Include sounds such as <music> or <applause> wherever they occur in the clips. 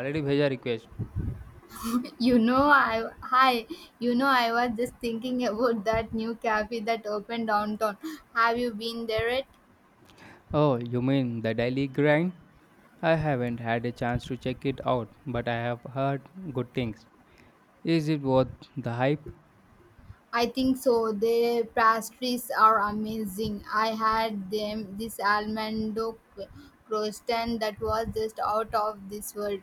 Already भेजा request. <laughs> you know I Hi. I was just thinking about that new cafe that opened downtown. Have you been there yet? Oh, you mean the daily grind? I haven't had a chance to check it out, but I have heard good things. Is it worth the hype? I think so. Their pastries are amazing. I had them this almond croissant that was just out of this world.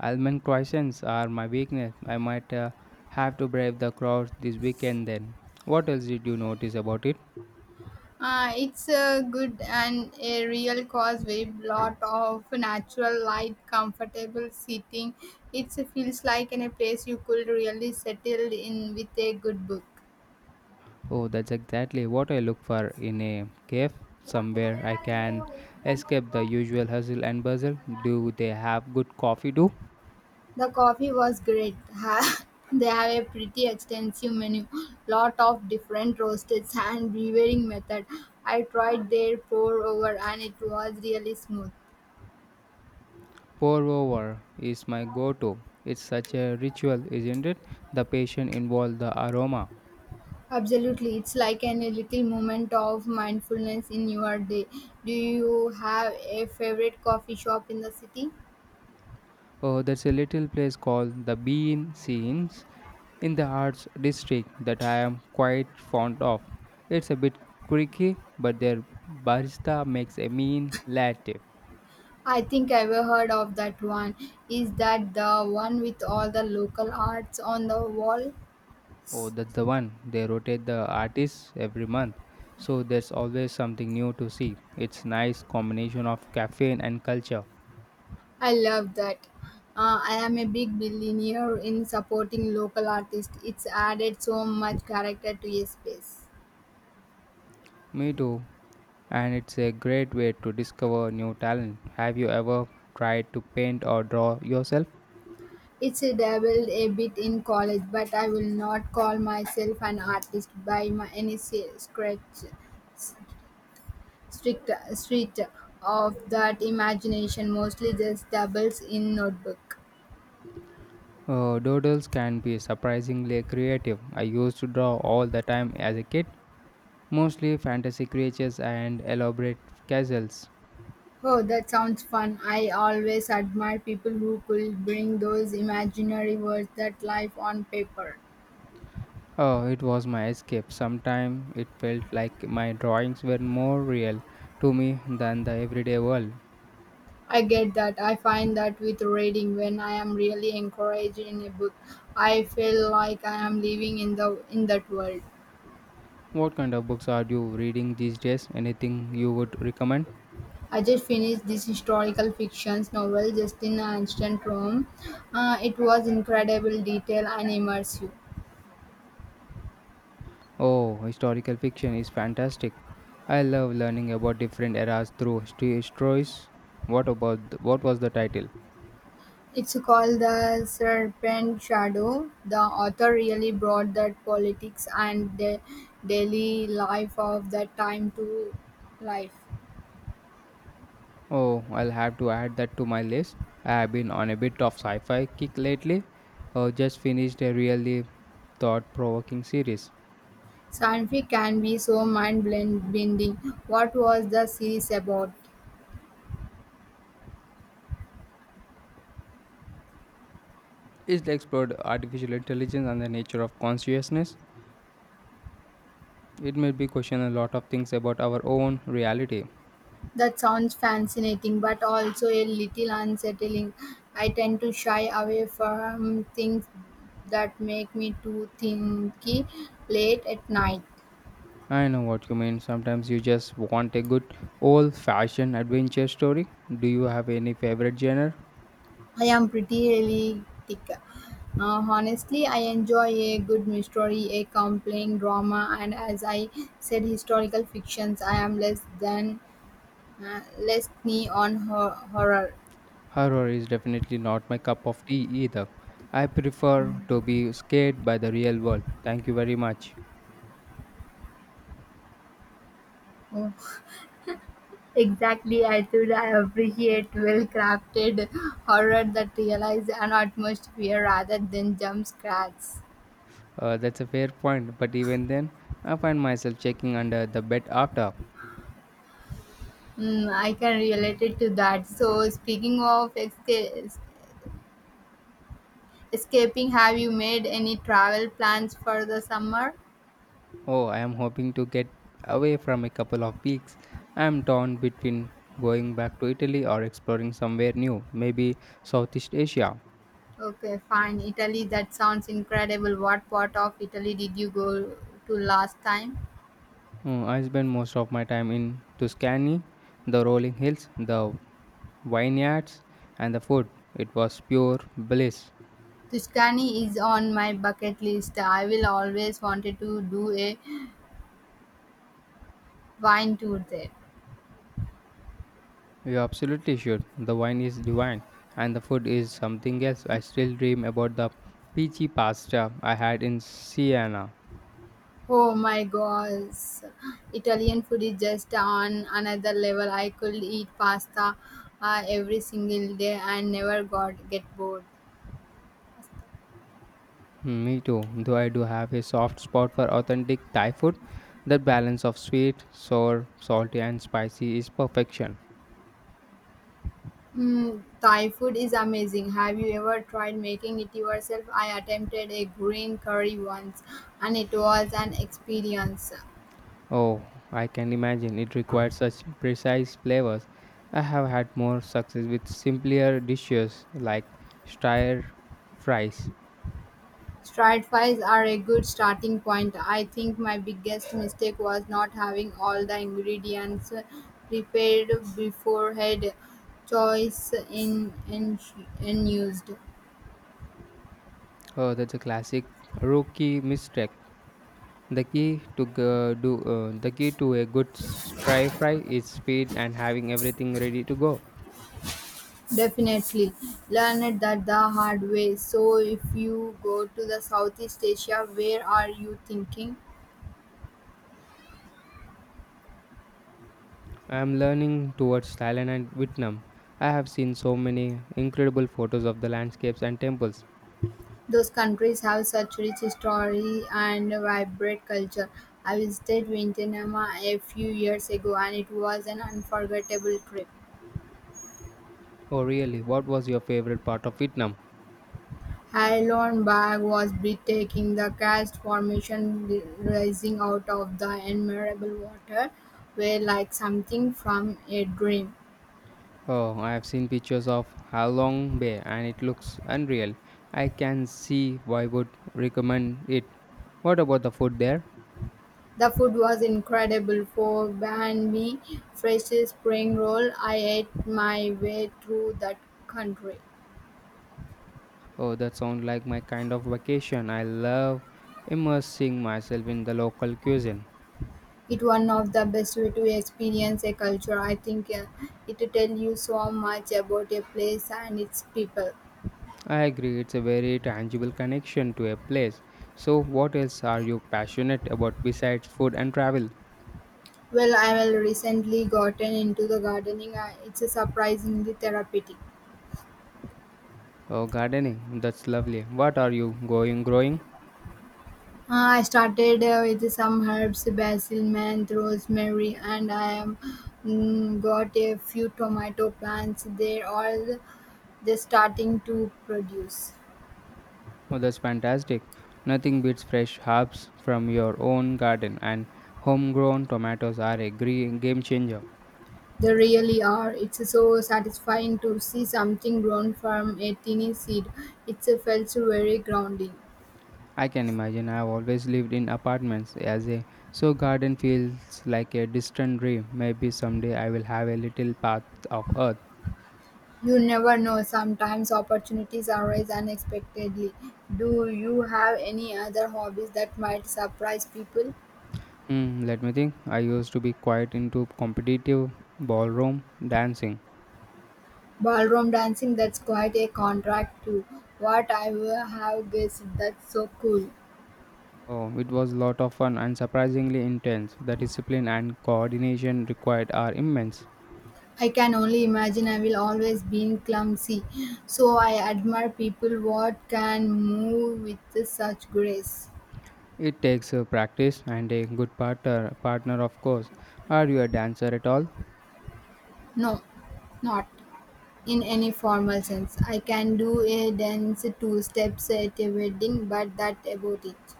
Almond croissants are my weakness. I might have to brave the crowds this weekend then. What else did you notice about it? It's a good and a real cause with lot of natural light, comfortable seating. It feels like in a place you could really settle in with a good book. Oh, that's exactly what I look for in a cave. Somewhere I can escape the usual hustle and bustle. Do they have good coffee too? The coffee was great. <laughs> They have a pretty extensive menu, lot of different roasts and brewing method. I tried their pour over and it was really smooth. Pour over is my go to. It's such a ritual, isn't it? The patient involved, the aroma. Absolutely, it's like a little moment of mindfulness in your day. Do you have a favorite coffee shop in the city? Oh, there's a little place called the Bean Scenes in the Arts District that I am quite fond of. It's a bit creaky, but their barista makes a mean latte. I think I've heard of that one. Is that the one with all the local arts on the wall? Oh, that's the one. They rotate the artists every month, so there's always something new to see. It's nice combination of caffeine and culture. I love that. I am a big billionaire in supporting local artists. It's added so much character to a space. Me too, and it's a great way to discover new talent. Have you ever tried to paint or draw yourself? It's a dabbled a bit in college, but I will not call myself an artist by my any scratch, s- strict, street of that imagination. Mostly just dabbles in notebook. Doodles can be surprisingly creative. I used to draw all the time as a kid, mostly fantasy creatures and elaborate castles. Oh, that sounds fun. I always admire people who could bring those imaginary words that life on paper. Oh, it was my escape. Sometimes it felt like my drawings were more real to me than the everyday world. I get that. I find that with reading, when I am really encouraged in a book, I feel like I am living in that world. What kind of books are you reading these days? Anything you would recommend? I just finished this historical fiction novel just in ancient Rome. It was incredible detail and immersive. Oh, historical fiction is fantastic. I love learning about different eras through history stories. What about what was the title? It's called The Serpent Shadow. The author really brought that politics and the daily life of that time to life. Oh, I'll have to add that to my list. I have been on a bit of sci-fi kick lately. Just finished a really thought-provoking series. Sci-fi can be so mind-bending. What was the series about? It explored artificial intelligence and the nature of consciousness. It made me question a lot of things about our own reality. That sounds fascinating, but also a little unsettling. I tend to shy away from things that make me too thinky late at night. I know what you mean. Sometimes you just want a good old fashioned adventure story. Do you have any favorite genre? I am pretty realistic. Honestly, I enjoy a good mystery, a compelling drama, and as I said, historical fictions. I am less than less knee on horror. Horror is definitely not my cup of tea either. I prefer to be scared by the real world. Thank you very much. Exactly, I should appreciate well crafted horror that relies on atmosphere rather than jump scares. That's a fair point, but even then, I find myself checking under the bed after. Mm, I can relate it to that. So, speaking of escaping, have you made any travel plans for the summer? Oh, I am hoping to get away from a couple of weeks. I am torn between going back to Italy or exploring somewhere new, maybe Southeast Asia. Okay, fine. Italy, that sounds incredible. What part of Italy did you go to last time? Mm, I spend most of my time in Tuscany, the rolling hills, the vineyards, and the food. It was pure bliss. Tuscany is on my bucket list. I will always wanted to do a wine tour there. You absolutely should. The wine is divine, and the food is something else. I still dream about the peachy pasta I had in Siena. Oh my gosh, Italian food is just on another level. I could eat pasta every single day and never got get bored. Mm, me too, though I do have a soft spot for authentic Thai food. The balance of sweet, sour, salty, and spicy is perfection. Mm, Thai food is amazing. Have you ever tried making it yourself? I attempted a green curry once and it was an experience. Oh, I can imagine it requires such precise flavors. I have had more success with simpler dishes like stir fries. Strategies are a good starting point. I think my biggest mistake was not having all the ingredients prepared beforehand. Choice in used. Oh, that's a classic rookie mistake. The key to a good stir fry is speed and having everything ready to go. Definitely learned that the hard way. So if you go to the Southeast Asia, where are you thinking? I am learning towards Thailand and Vietnam. I have seen so many incredible photos of the landscapes and temples. Those countries have such rich history and vibrant culture. I visited Vietnam a few years ago and it was an unforgettable trip. Oh, really? What was your favorite part of Vietnam? Heidelberg was breathtaking, the cast formation rising out of the admirable water were like something from a dream. Oh, I have seen pictures of Halong Bay and it looks unreal. I can see why would recommend it. What about the food there? The food was incredible for Banbi fresh spring roll. I ate my way through that country. Oh, that sounds like my kind of vacation. I love immersing myself in the local cuisine. It one of the best way to experience a culture. I think it tell you so much about a place and its people. I agree, it's a very tangible connection to a place. So, what else are you passionate about besides food and travel? Well, I've recently gotten into the gardening. It's a surprisingly therapeutic. Oh, gardening, that's lovely. What are you going growing? Uh, I started with some herbs, basil, mint, rosemary, and I am got a few tomato plants. They starting to produce. Oh, that's fantastic. Nothing beats fresh herbs from your own garden, and homegrown tomatoes are a game changer. They really are. It's so satisfying to see something grown from a tiny seed. It felt very grounding. I can imagine I've always lived in apartments as a so garden feels like a distant dream. Maybe someday I will have a little path of earth. You never know, sometimes opportunities arise unexpectedly. Do you have any other hobbies that might surprise people? Hmm, let me think. I used to be quite into competitive ballroom dancing. Ballroom dancing, that's quite a contract to what I would have guessed. That's so cool. Oh, it was a lot of fun and surprisingly intense. The discipline and coordination required are immense. I can only imagine I will always be clumsy. So I admire people what can move with such grace. It takes practice and a good partner of course. Are you a dancer at all? No, not in any formal sense. I can do a dance two steps at a wedding, but that about it.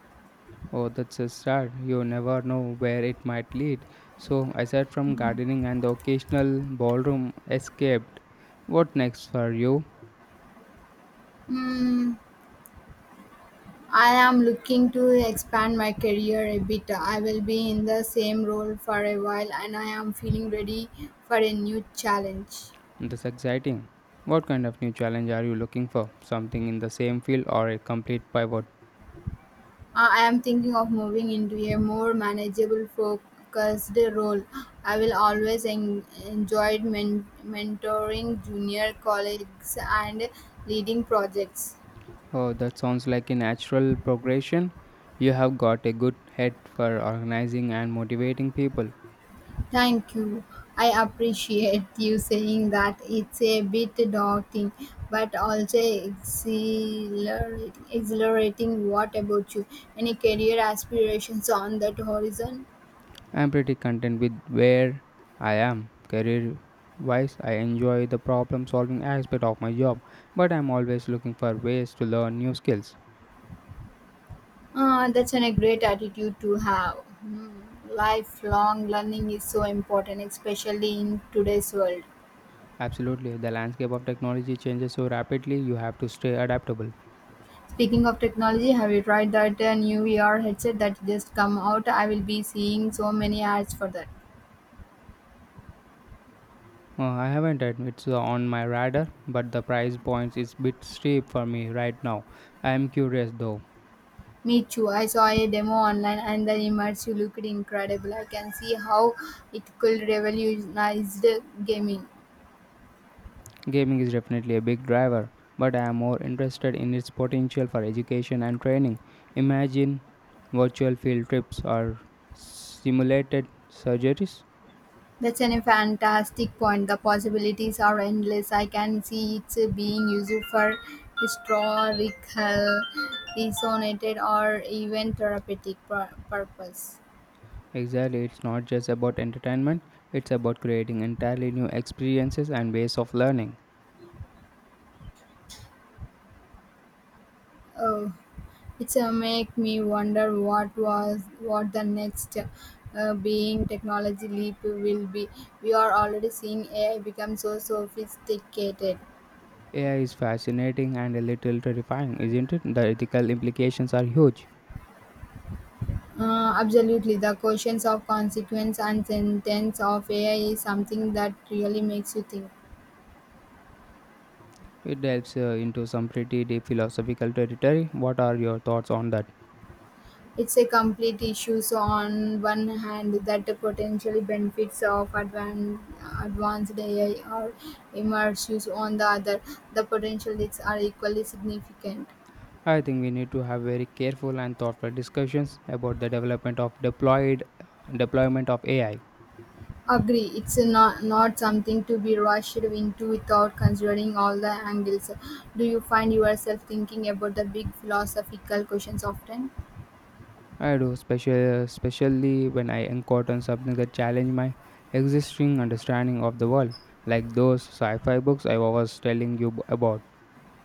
Oh, that's a start. You never know where it might lead. So, aside from gardening and the occasional ballroom escaped, what next for you? Hmm, I am looking to expand my career a bit. I will be in the same role for a while and I am feeling ready for a new challenge. That's exciting. What kind of new challenge are you looking for? Something in the same field or a complete pivot? I am thinking of moving into a more manageable focused role. I will always enjoyed mentoring junior colleagues and leading projects. Oh, that sounds like a natural progression. You have got a good head for organizing and motivating people. Thank you. I appreciate you saying that it's a bit daunting, but also exhilarating. What about you? Any career aspirations on that horizon? I'm pretty content with where I am career wise. I enjoy the problem solving aspect of my job, but I'm always looking for ways to learn new skills. Ah, that's a great attitude to have. Hmm. Lifelong learning is so important, especially in today's world. Absolutely, the landscape of technology changes so rapidly, you have to stay adaptable. Speaking of technology, have you tried that new VR headset that just come out? I will be seeing so many ads for that. I haven't it. It's on my radar, but the price points is bit steep for me right now. I am curious though. Me too. I saw a demo online and the immersive looked incredible. I can see how it could revolutionize the gaming. Gaming is definitely a big driver, but I am more interested in its potential for education and training. Imagine virtual field trips or simulated surgeries. That's a fantastic point. The possibilities are endless. I can see it being used for historical, resonated, or even therapeutic purpose. Exactly, it's not just about entertainment, it's about creating entirely new experiences and ways of learning. Oh, it's make me wonder what the next being technology leap will be. We are already seeing AI become so sophisticated. AI is fascinating and a little terrifying, isn't it? The ethical implications are huge. Absolutely, the questions of consequence and sentence of AI is something that really makes you think. It delves into some pretty deep philosophical territory. What are your thoughts on that? It's a complete issue. So on one hand, that the potentially benefits of advanced AI are immersive. On the other, the potential risks are equally significant. I think we need to have very careful and thoughtful discussions about the development of deployed deployment of AI. Agree, it's not something to be rushed into without considering all the angles. Do you find yourself thinking about the big philosophical questions often? I do, especially when I encounter something that challenge my existing understanding of the world, like those sci-fi books I was telling you about.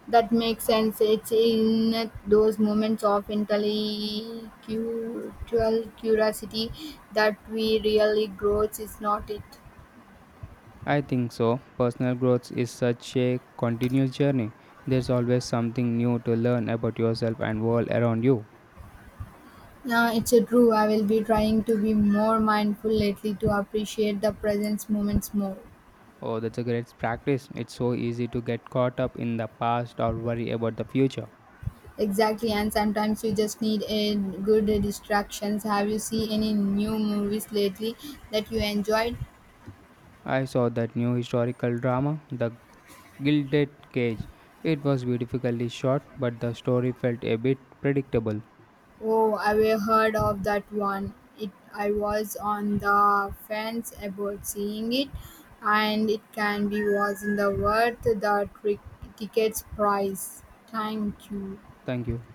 That makes sense. It's in those moments of intellectual curiosity that we really grow, is not it? I think so. Personal growth is such a continuous journey. There's always something new to learn about yourself and world around you. Yeah, it's a true. I will be trying to be more mindful lately to appreciate the present moments more. Oh, that's a great practice. It's so easy to get caught up in the past or worry about the future. Exactly, and sometimes you just need a good distractions. Have you seen any new movies lately that you enjoyed? I saw that new historical drama, The Gilded Cage. It was beautifully shot, but the story felt a bit predictable. Oh, I've heard of that one. It I was on the fence about seeing it, and it can be was in the worth the tickets price. Thank you. Thank you.